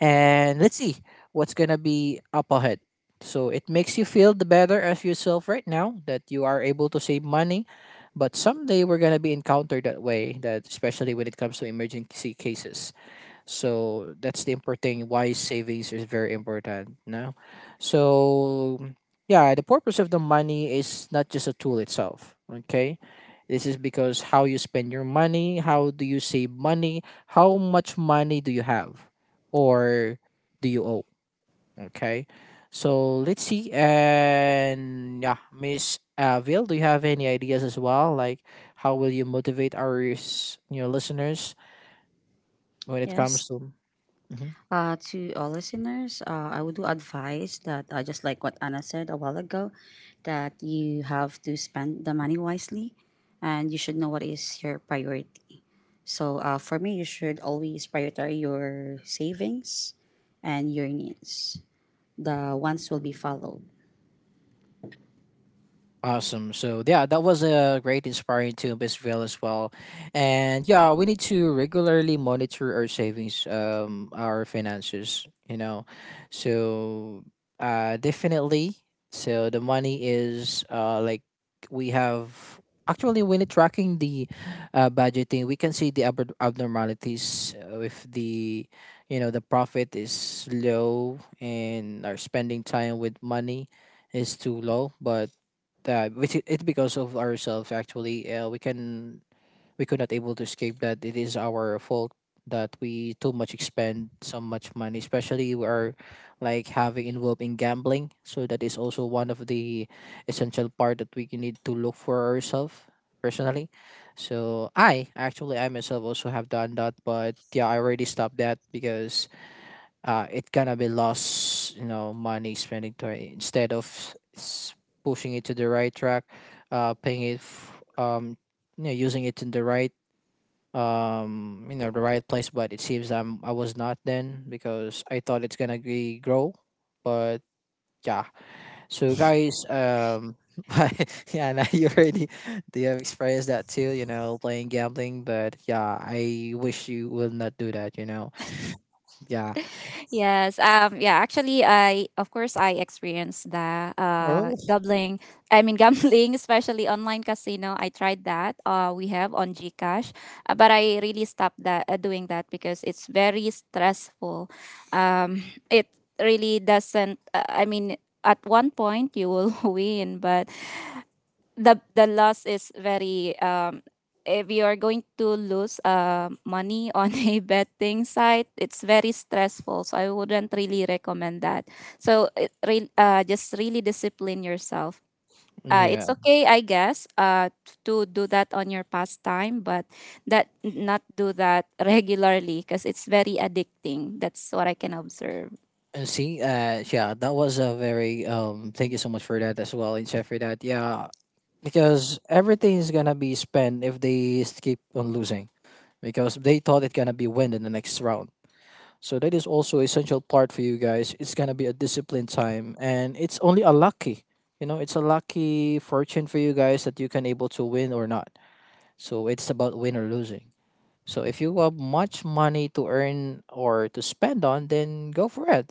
and let's see what's gonna be up ahead. So it makes you feel the better of yourself right now that you are able to save money, but someday we're gonna be encountered that way, that especially when it comes to emergency cases. So that's the important thing why savings is very important now. So yeah, the purpose of the money is not just a tool itself. Okay. This is because how you spend your money, how do you save money, how much money do you have, or do you owe? Okay. So let's see. And yeah, Miss Avil, do you have any ideas as well? Like how will you motivate our s- you know listeners when it comes Yes. to? Mhm. Uh, to all listeners, uh, I would do advise that uh, just like what Anna said a while ago, that you have to spend the money wisely, and you should know what is your priority. So uh, for me, you should always prioritize your savings and your needs. The ones will be followed. Awesome. So yeah, that was a great inspiring to Bisville as well. And yeah, we need to regularly monitor our savings, um, our finances, you know. So uh definitely. So the money is uh like we have, actually when it tracking the uh, budgeting, we can see the ab- abnormalities uh, if the you know the profit is low and our spending time with money is too low, but that which it- it's because of ourselves. Actually uh, we can, we could not able to escape that, it is our fault that we too much expend so much money, especially we are like having involved in gambling. So that is also one of the essential part that we need to look for ourselves personally. So i actually i myself also have done that, but yeah, I already stopped that because uh it gonna be lost, you know money spending to it instead of s- pushing it to the right track, uh paying it f- um you know using it in the right um you know the right place. But it seems i'm i was not then, because I thought it's gonna be grow, but yeah. So guys, um yeah, now you already do you have experienced that too, you know playing gambling? But yeah, I wish you will not do that, you know. Yeah. Yes. Um. Yeah. Actually, I of course I experienced that. Uh, Oh, Gambling. I mean, gambling, especially online casino. I tried that. Uh, we have on GCash, uh, but I really stopped that uh, doing that because it's very stressful. Um, it really doesn't. Uh, I mean, at one point you will win, but the the loss is very um if you are going to lose uh, money on a betting site, it's very stressful, so I wouldn't really recommend that. So it re- uh, just really discipline yourself. uh, yeah. It's okay, I guess, uh, t- to do that on your pastime, but that not do that regularly because it's very addicting. That's what I can observe. Uh, See, uh, yeah, that was a very um. Thank you so much for that as well, and chef for that. Yeah, because everything is gonna be spent if they s- keep on losing, because they thought it's gonna be win in the next round. So that is also essential part for you guys. It's gonna be a disciplined time, and it's only a lucky, you know, it's a lucky fortune for you guys that you can able to win or not. So it's about win or losing. So if you have much money to earn or to spend on, then go for it.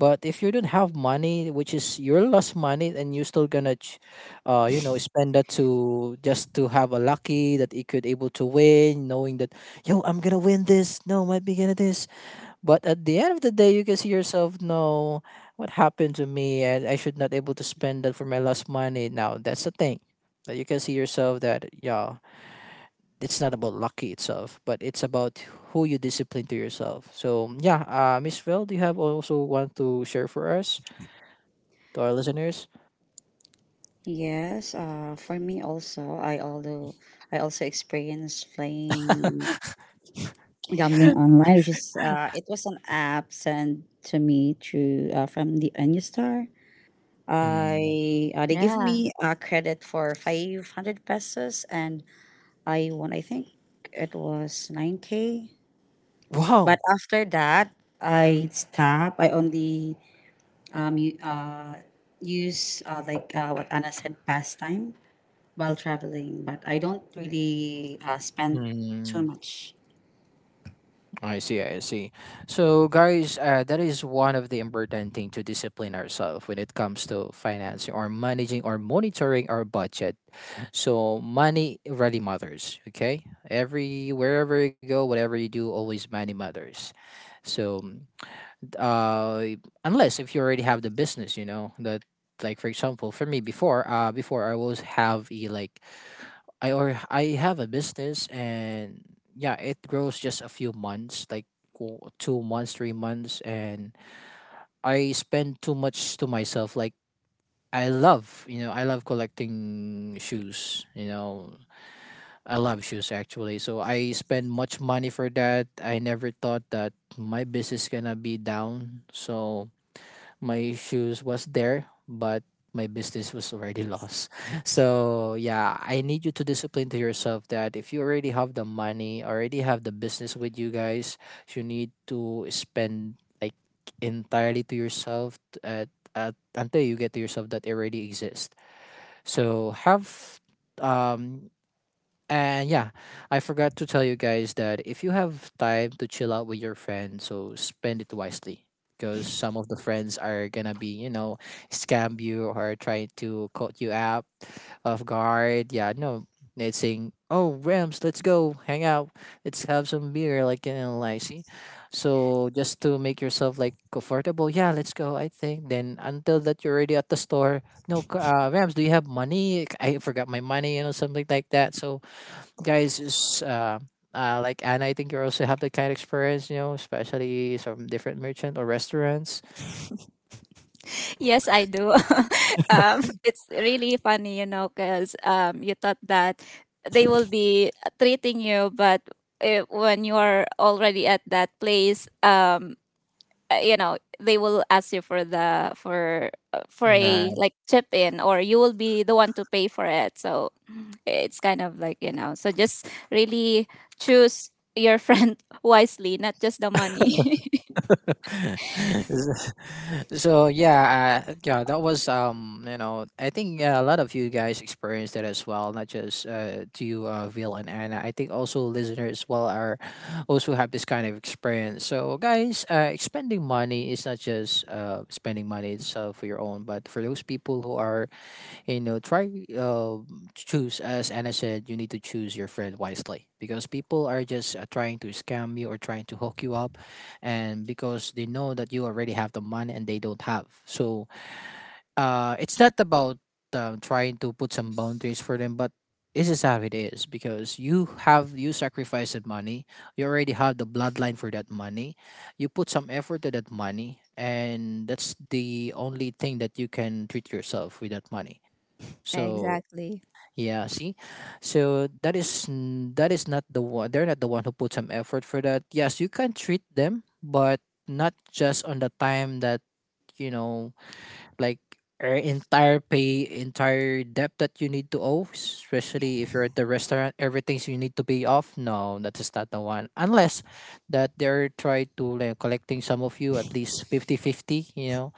But if you don't have money, which is your lost money, and you're still gonna, ch- uh, you know, spend that to just to have a lucky that you could able to win, knowing that yo, I'm gonna win this. No, might be gonna this. But at the end of the day, you can see yourself. No, what happened to me? And I should not able to spend that for my lost money. Now that's the thing that you can see yourself, that yeah, it's not about lucky itself, but it's about who you discipline to yourself. So yeah, uh, Miss Phil, do you have also want to share for us, to our listeners? Yes. Uh, for me also, I, although I also experienced playing gambling online, which is uh, it was an app sent to me through uh, from the Anustar. Mm. I uh, They give Yeah. me a credit for five hundred pesos, and I won. I think it was nine k. But Wow. after that, I stopped. I only um u- uh use uh, like uh, what Anna said, pastime while traveling, but I don't really uh, spend too Mm. much. I see, I see. So, guys, uh, that is one of the important thing to discipline ourselves when it comes to financing or managing or monitoring our budget. So, money really matters. Okay, every wherever you go, whatever you do, always money matters. So, uh, unless if you already have the business, you know that, like for example, for me before, uh, before I always have a like I or I have a business, and yeah, it grows just a few months, like w- two months, three months, and I spend too much to myself. Like I love, you know, I love collecting shoes. You know, I love shoes actually. So I spend much money for that. I never thought that my business gonna be down. So my shoes was there, but my business was already lost. So yeah, I need you to discipline to yourself that if you already have the money, already have the business with you guys, you need to spend like entirely to yourself t- at, at until you get to yourself that it already exists. So have, um and yeah, I forgot to tell you guys that if you have time to chill out with your friends, so spend it wisely. Because some of the friends are gonna be, you know, scam you or try to caught you out off guard. Yeah, no, it's saying, "Oh, Rams, let's go hang out. Let's have some beer." Like you know, like see. So just to make yourself like comfortable, yeah, let's go. I think then until that you're already at the store. No, c- uh, Rams, do you have money? I forgot my money, you know, something like that. So guys is uh, uh, like Anna, I think you also have that kind of experience, you know, especially some different merchant or restaurants. Yes, I do. Um, it's really funny, you know, because um, you thought that they will be treating you, but uh when you are already at that place, um, uh, you know, they will ask you for the for uh, for Nah. a like chip in, or you will be the one to pay for it. So it's kind of like, you know, so just really choose your friend wisely, not just the money. So yeah, uh, yeah, that was um, you know, I think uh, a lot of you guys experienced that as well, not just uh, to you, uh, Vil and Anna. I think also listeners as well are also have this kind of experience. So guys, uh, spending money is not just uh spending money itself for your own, but for those people who are you know try uh, choose, as Anna said, you need to choose your friend wisely, because people are just uh, trying to scam you or trying to hook you up, and because they know that you already have the money and they don't have. So uh, it's not about um, trying to put some boundaries for them, but this is how it is, because you have, you sacrifice that money, you already have the bloodline for that money, you put some effort to that money, and that's the only thing that you can treat yourself with that money. So Exactly. yeah, see, so that is n- that is not the one. They're not the one who put some effort for that. Yes, you can treat them, but not just on the time that you know, like uh, entire pay, entire debt that you need to owe. Especially if you're at the restaurant, everything's you need to pay off. No, that is not the one. Unless that they're trying to like, collecting some of you at least fifty fifty. You know,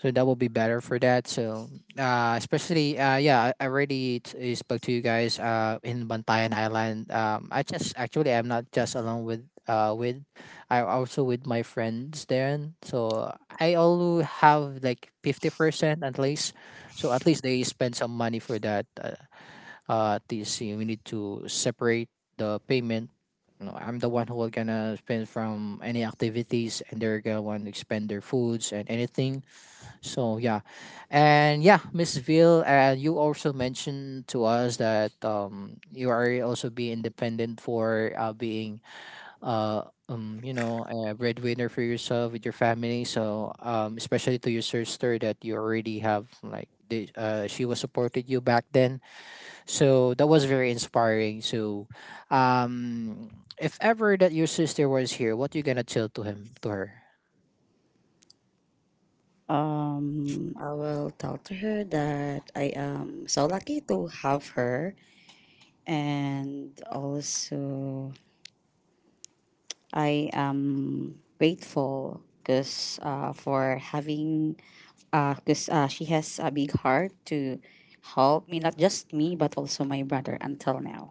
so that will be better for that. So uh especially uh yeah, i I already t- uh, spoke to you guys uh in Bantayan Island. um I just actually, I'm not just alone with uh with I also with my friends there, so I also have like fifty percent at least, so at least they spend some money for that. Uh, uh this you we need to separate the payment. You know, I'm the one who will gonna spend from any activities, and they're gonna want to spend their foods and anything, so yeah, and yeah, Miss Ville, uh, you also mentioned to us that um, you are also be independent for uh, being uh, um, you know, a breadwinner for yourself with your family. So um, especially to your sister that you already have like the, uh, she was supported you back then. So that was very inspiring. So um, if ever that your sister was here, what you gonna tell to him to her? Um, I will tell to her that I am so lucky to have her, and also I am grateful because, uh, for having because uh, 'cause, uh, she has a big heart to help me, not just me, but also my brother until now.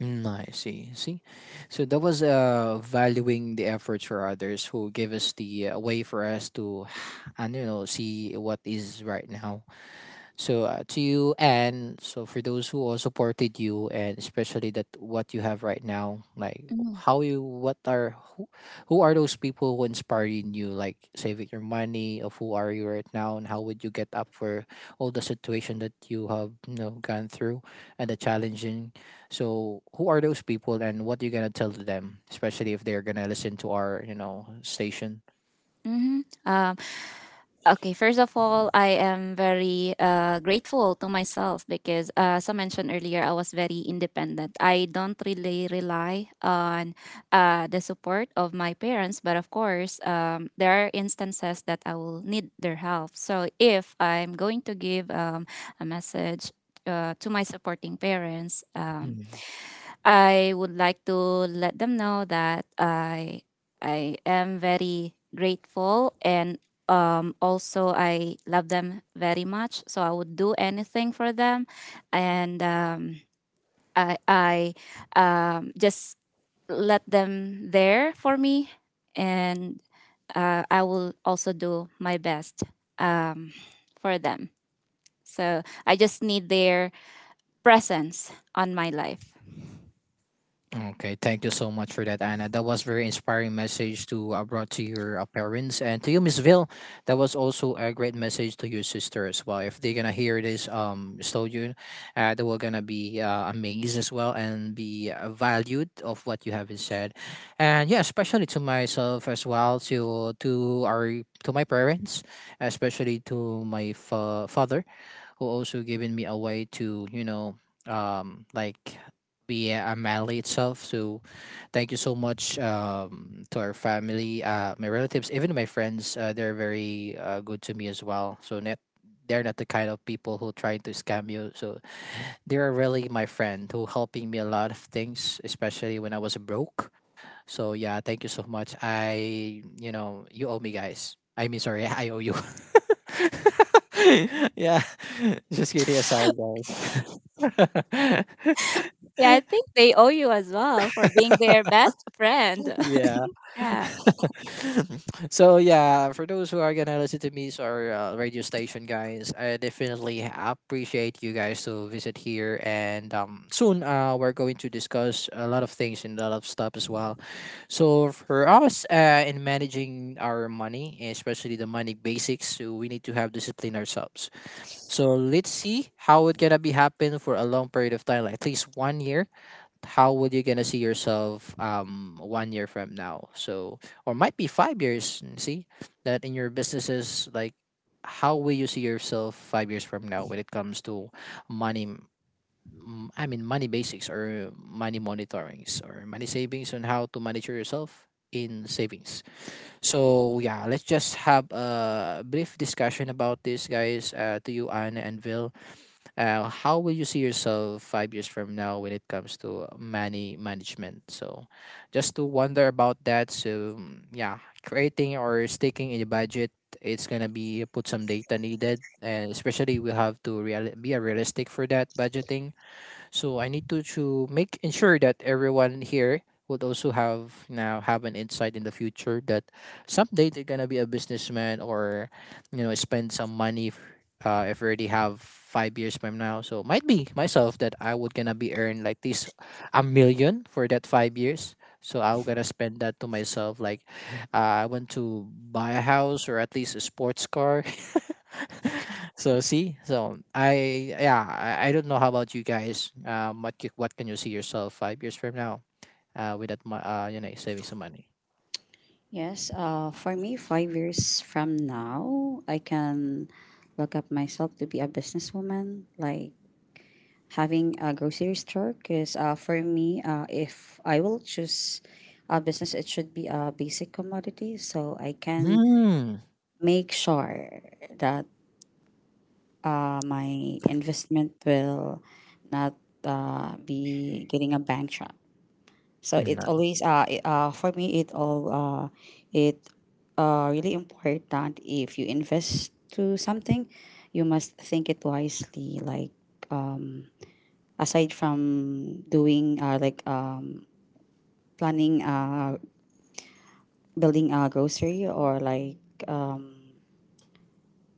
Mm, I see. See, so that was uh valuing the efforts for others who give us the uh, way for us to, and you know, see what is right now. So uh, to you and so for those who all supported you, and especially that what you have right now, like how you what are who, who are those people who inspire you in you? Like saving your money of who are you right now and how would you get up for all the situation that you have, you know, gone through and the challenging. So who are those people and what you gonna tell to them, especially if they're gonna listen to our, you know, station? Mm-hmm. Uh, okay, first of all, I am very uh, grateful to myself because, uh, as I mentioned earlier, I was very independent. I don't really rely on uh, the support of my parents, but of course, um, there are instances that I will need their help. So, if I'm going to give um, a message uh, to my supporting parents, um, I would like to let them know that I I am very grateful, and um, also I love them very much. So I would do anything for them, and um, I I um, just let them there for me, and uh, I will also do my best um, for them. So I just need their presence on my life. Okay, thank you so much for that, Anna. That was very inspiring message to uh, brought to your uh, parents, and to you, Miss Ville. That was also a great message to your sister as well. If they're gonna hear this, um, studio, uh, they were gonna be uh, amazed as well and be uh, valued of what you have said, and yeah, especially to myself as well, to to our to my parents, especially to my fa- father who also given me a way to, you know, um like be a Mali itself. So thank you so much um to our family, uh my relatives, even my friends. Uh, they're very uh, good to me as well. So net they're not the kind of people who try to scam you. So they are really my friend who helping me a lot of things, especially when I was broke. So yeah, thank you so much. I, you know, you owe me, guys. I mean, sorry, I owe you. Yeah, just kidding aside, guys. Yeah, I think they owe you as well for being their best friend. Yeah, Yeah. so yeah, for those who are gonna listen to me or uh, radio station guys, I definitely appreciate you guys to visit here, and um soon uh we're going to discuss a lot of things and a lot of stuff as well. So for us uh in managing our money, especially the money basics, so we need to have discipline ourselves. So let's see how it gonna be happen for a long period of time, like at least one year. How would you gonna see yourself um one year from now, so or might be five years? Mm, see that in your businesses like how will you see yourself five years from now when it comes to money, m- m- i mean money basics or money monitorings or money savings on how to manage yourself in savings. So yeah, let's just have a brief discussion about this, guys. Uh, to you, Anna and Vil, uh, how will you see yourself five years from now when it comes to money management? So, just to wonder about that. So mm, yeah, creating or sticking in a budget, it's gonna be put some data needed, and especially we have to real- be a realistic for that budgeting. So I need to, to make ensure that everyone here would also have now have an insight in the future that someday they're gonna be a businessman or, you know, spend some money if, uh, if already have five years from now. So might be myself that I would gonna be earn like this a million for that five years. So I'm gonna spend that to myself like, uh, I want to buy a house or at least a sports car. So see, so I yeah, I, I don't know how about you guys. Um, what c- what can you see yourself five years from now? Uh, with that, mo- uh, you know, saving some money. Yes, uh, for me, five years from now, I can look up myself to be a businesswoman, like having a grocery store because uh, for me, uh, if I will choose a business, it should be a basic commodity so I can Mm. Mm. make sure that uh, my investment will not uh, be getting a bankrupt. So it always uh, it, uh, for me, it all uh, it uh, really important. If you invest to something, you must think it wisely, like aside from doing uh, like um, planning, uh building a grocery, or like um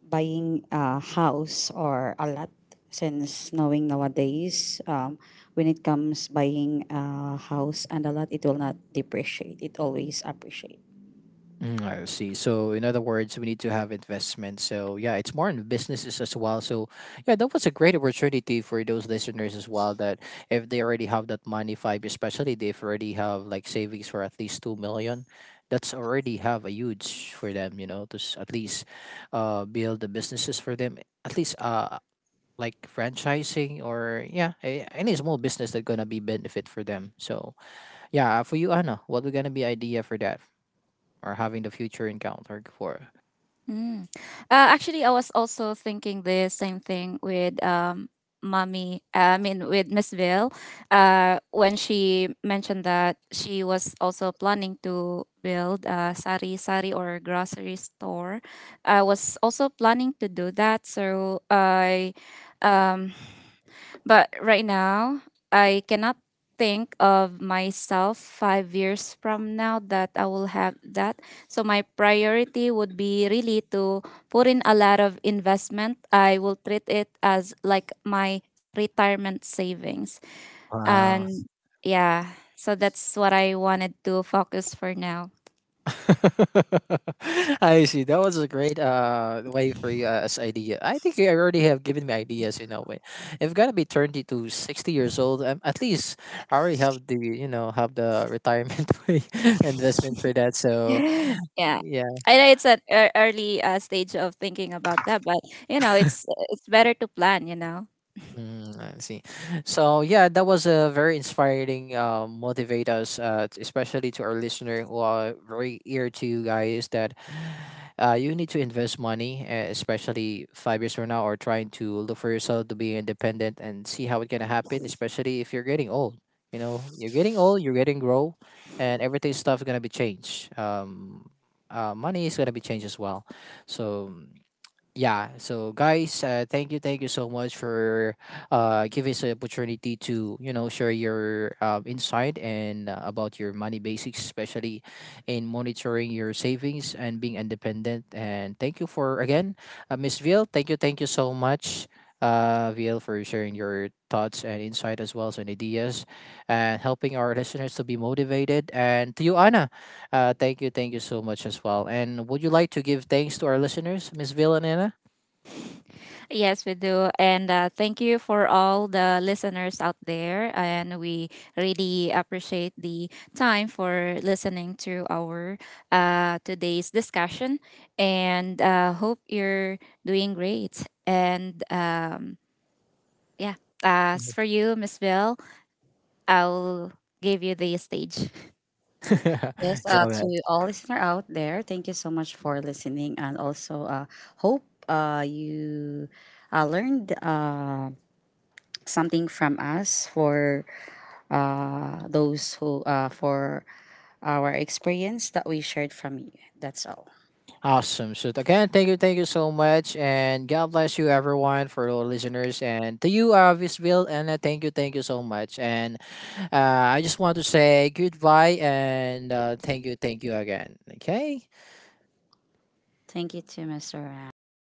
buying a house or a lot, since knowing nowadays, um when it comes buying a house and a lot, it will not depreciate, it always appreciate. Mm, I see. So, in other words, we need to have investment. So, yeah, it's more in businesses as well. So, yeah, that was a great opportunity for those listeners as well. That if they already have that money, five, especially they've already have like savings for at least two million, that's already have a huge for them. You know, to s- at least uh build the businesses for them. At least uh like franchising or yeah, a- any small business that gonna be benefit for them. So, yeah, for you, Anna, what we gonna be idea for that? Or having the future encounter for. Mm. Uh, actually, I was also thinking the same thing with um, mommy. I mean, with Miss Ville, uh, when she mentioned that she was also planning to build a sari sari or grocery store. I was also planning to do that, so I. Um, but right now, I cannot think of myself five years from now that I will have that. So my priority would be really to put in a lot of investment. I will treat it as like my retirement savings. Wow. And yeah, so that's what I wanted to focus for now. I see. That was a great uh way for you uh, as idea. I think I already have given me ideas. You know, when if gonna be thirty to sixty years old, um, at least I already have the, you know, have the retirement way investment for that. So Yeah. yeah. I know it's an ear- early uh, stage of thinking about that, but you know, it's it's better to plan, you know. Mm, I see. So yeah, that was a very inspiring uh, motivate us, uh, t- especially to our listener who are very ear to you guys that uh, you need to invest money, uh, especially five years from now, or trying to look for yourself to be independent and see how it's gonna happen, especially if you're getting old. You know, you're getting old, you're getting grow, and everything stuff gonna be changed. Um, uh, money is gonna be changed as well. So yeah, so guys, uh, thank you, thank you so much for uh, giving us the opportunity to, you know, share your um, insight and uh, about your money basics, especially in monitoring your savings and being independent, and thank you for again, uh, Miss Ville, thank you, thank you so much, uh, Ville, for sharing your thoughts and insight as well as and ideas and helping our listeners to be motivated. And to you, Anna, uh, thank you, thank you so much as well. And would you like to give thanks to our listeners, Miss Ville and Anna? Yes, we do. And uh, thank you for all the listeners out there. And we really appreciate the time for listening to our uh, today's discussion. And uh, hope you're doing great. And um, yeah, as Mhm. for you, Miss Bill, I'll give you the stage. Yes, Yeah, uh man. to all listener out there, thank you so much for listening, and also uh hope uh you uh learned um something from us, for uh, those who uh, for our experience that we shared from you. That's all. Awesome. So again, thank you, thank you so much, and God bless you, everyone, for all listeners, and to you, uh, Visville, and uh, thank you, thank you so much, and uh, I just want to say goodbye, and uh, thank you, thank you again. Okay. Thank you to Mister Ram.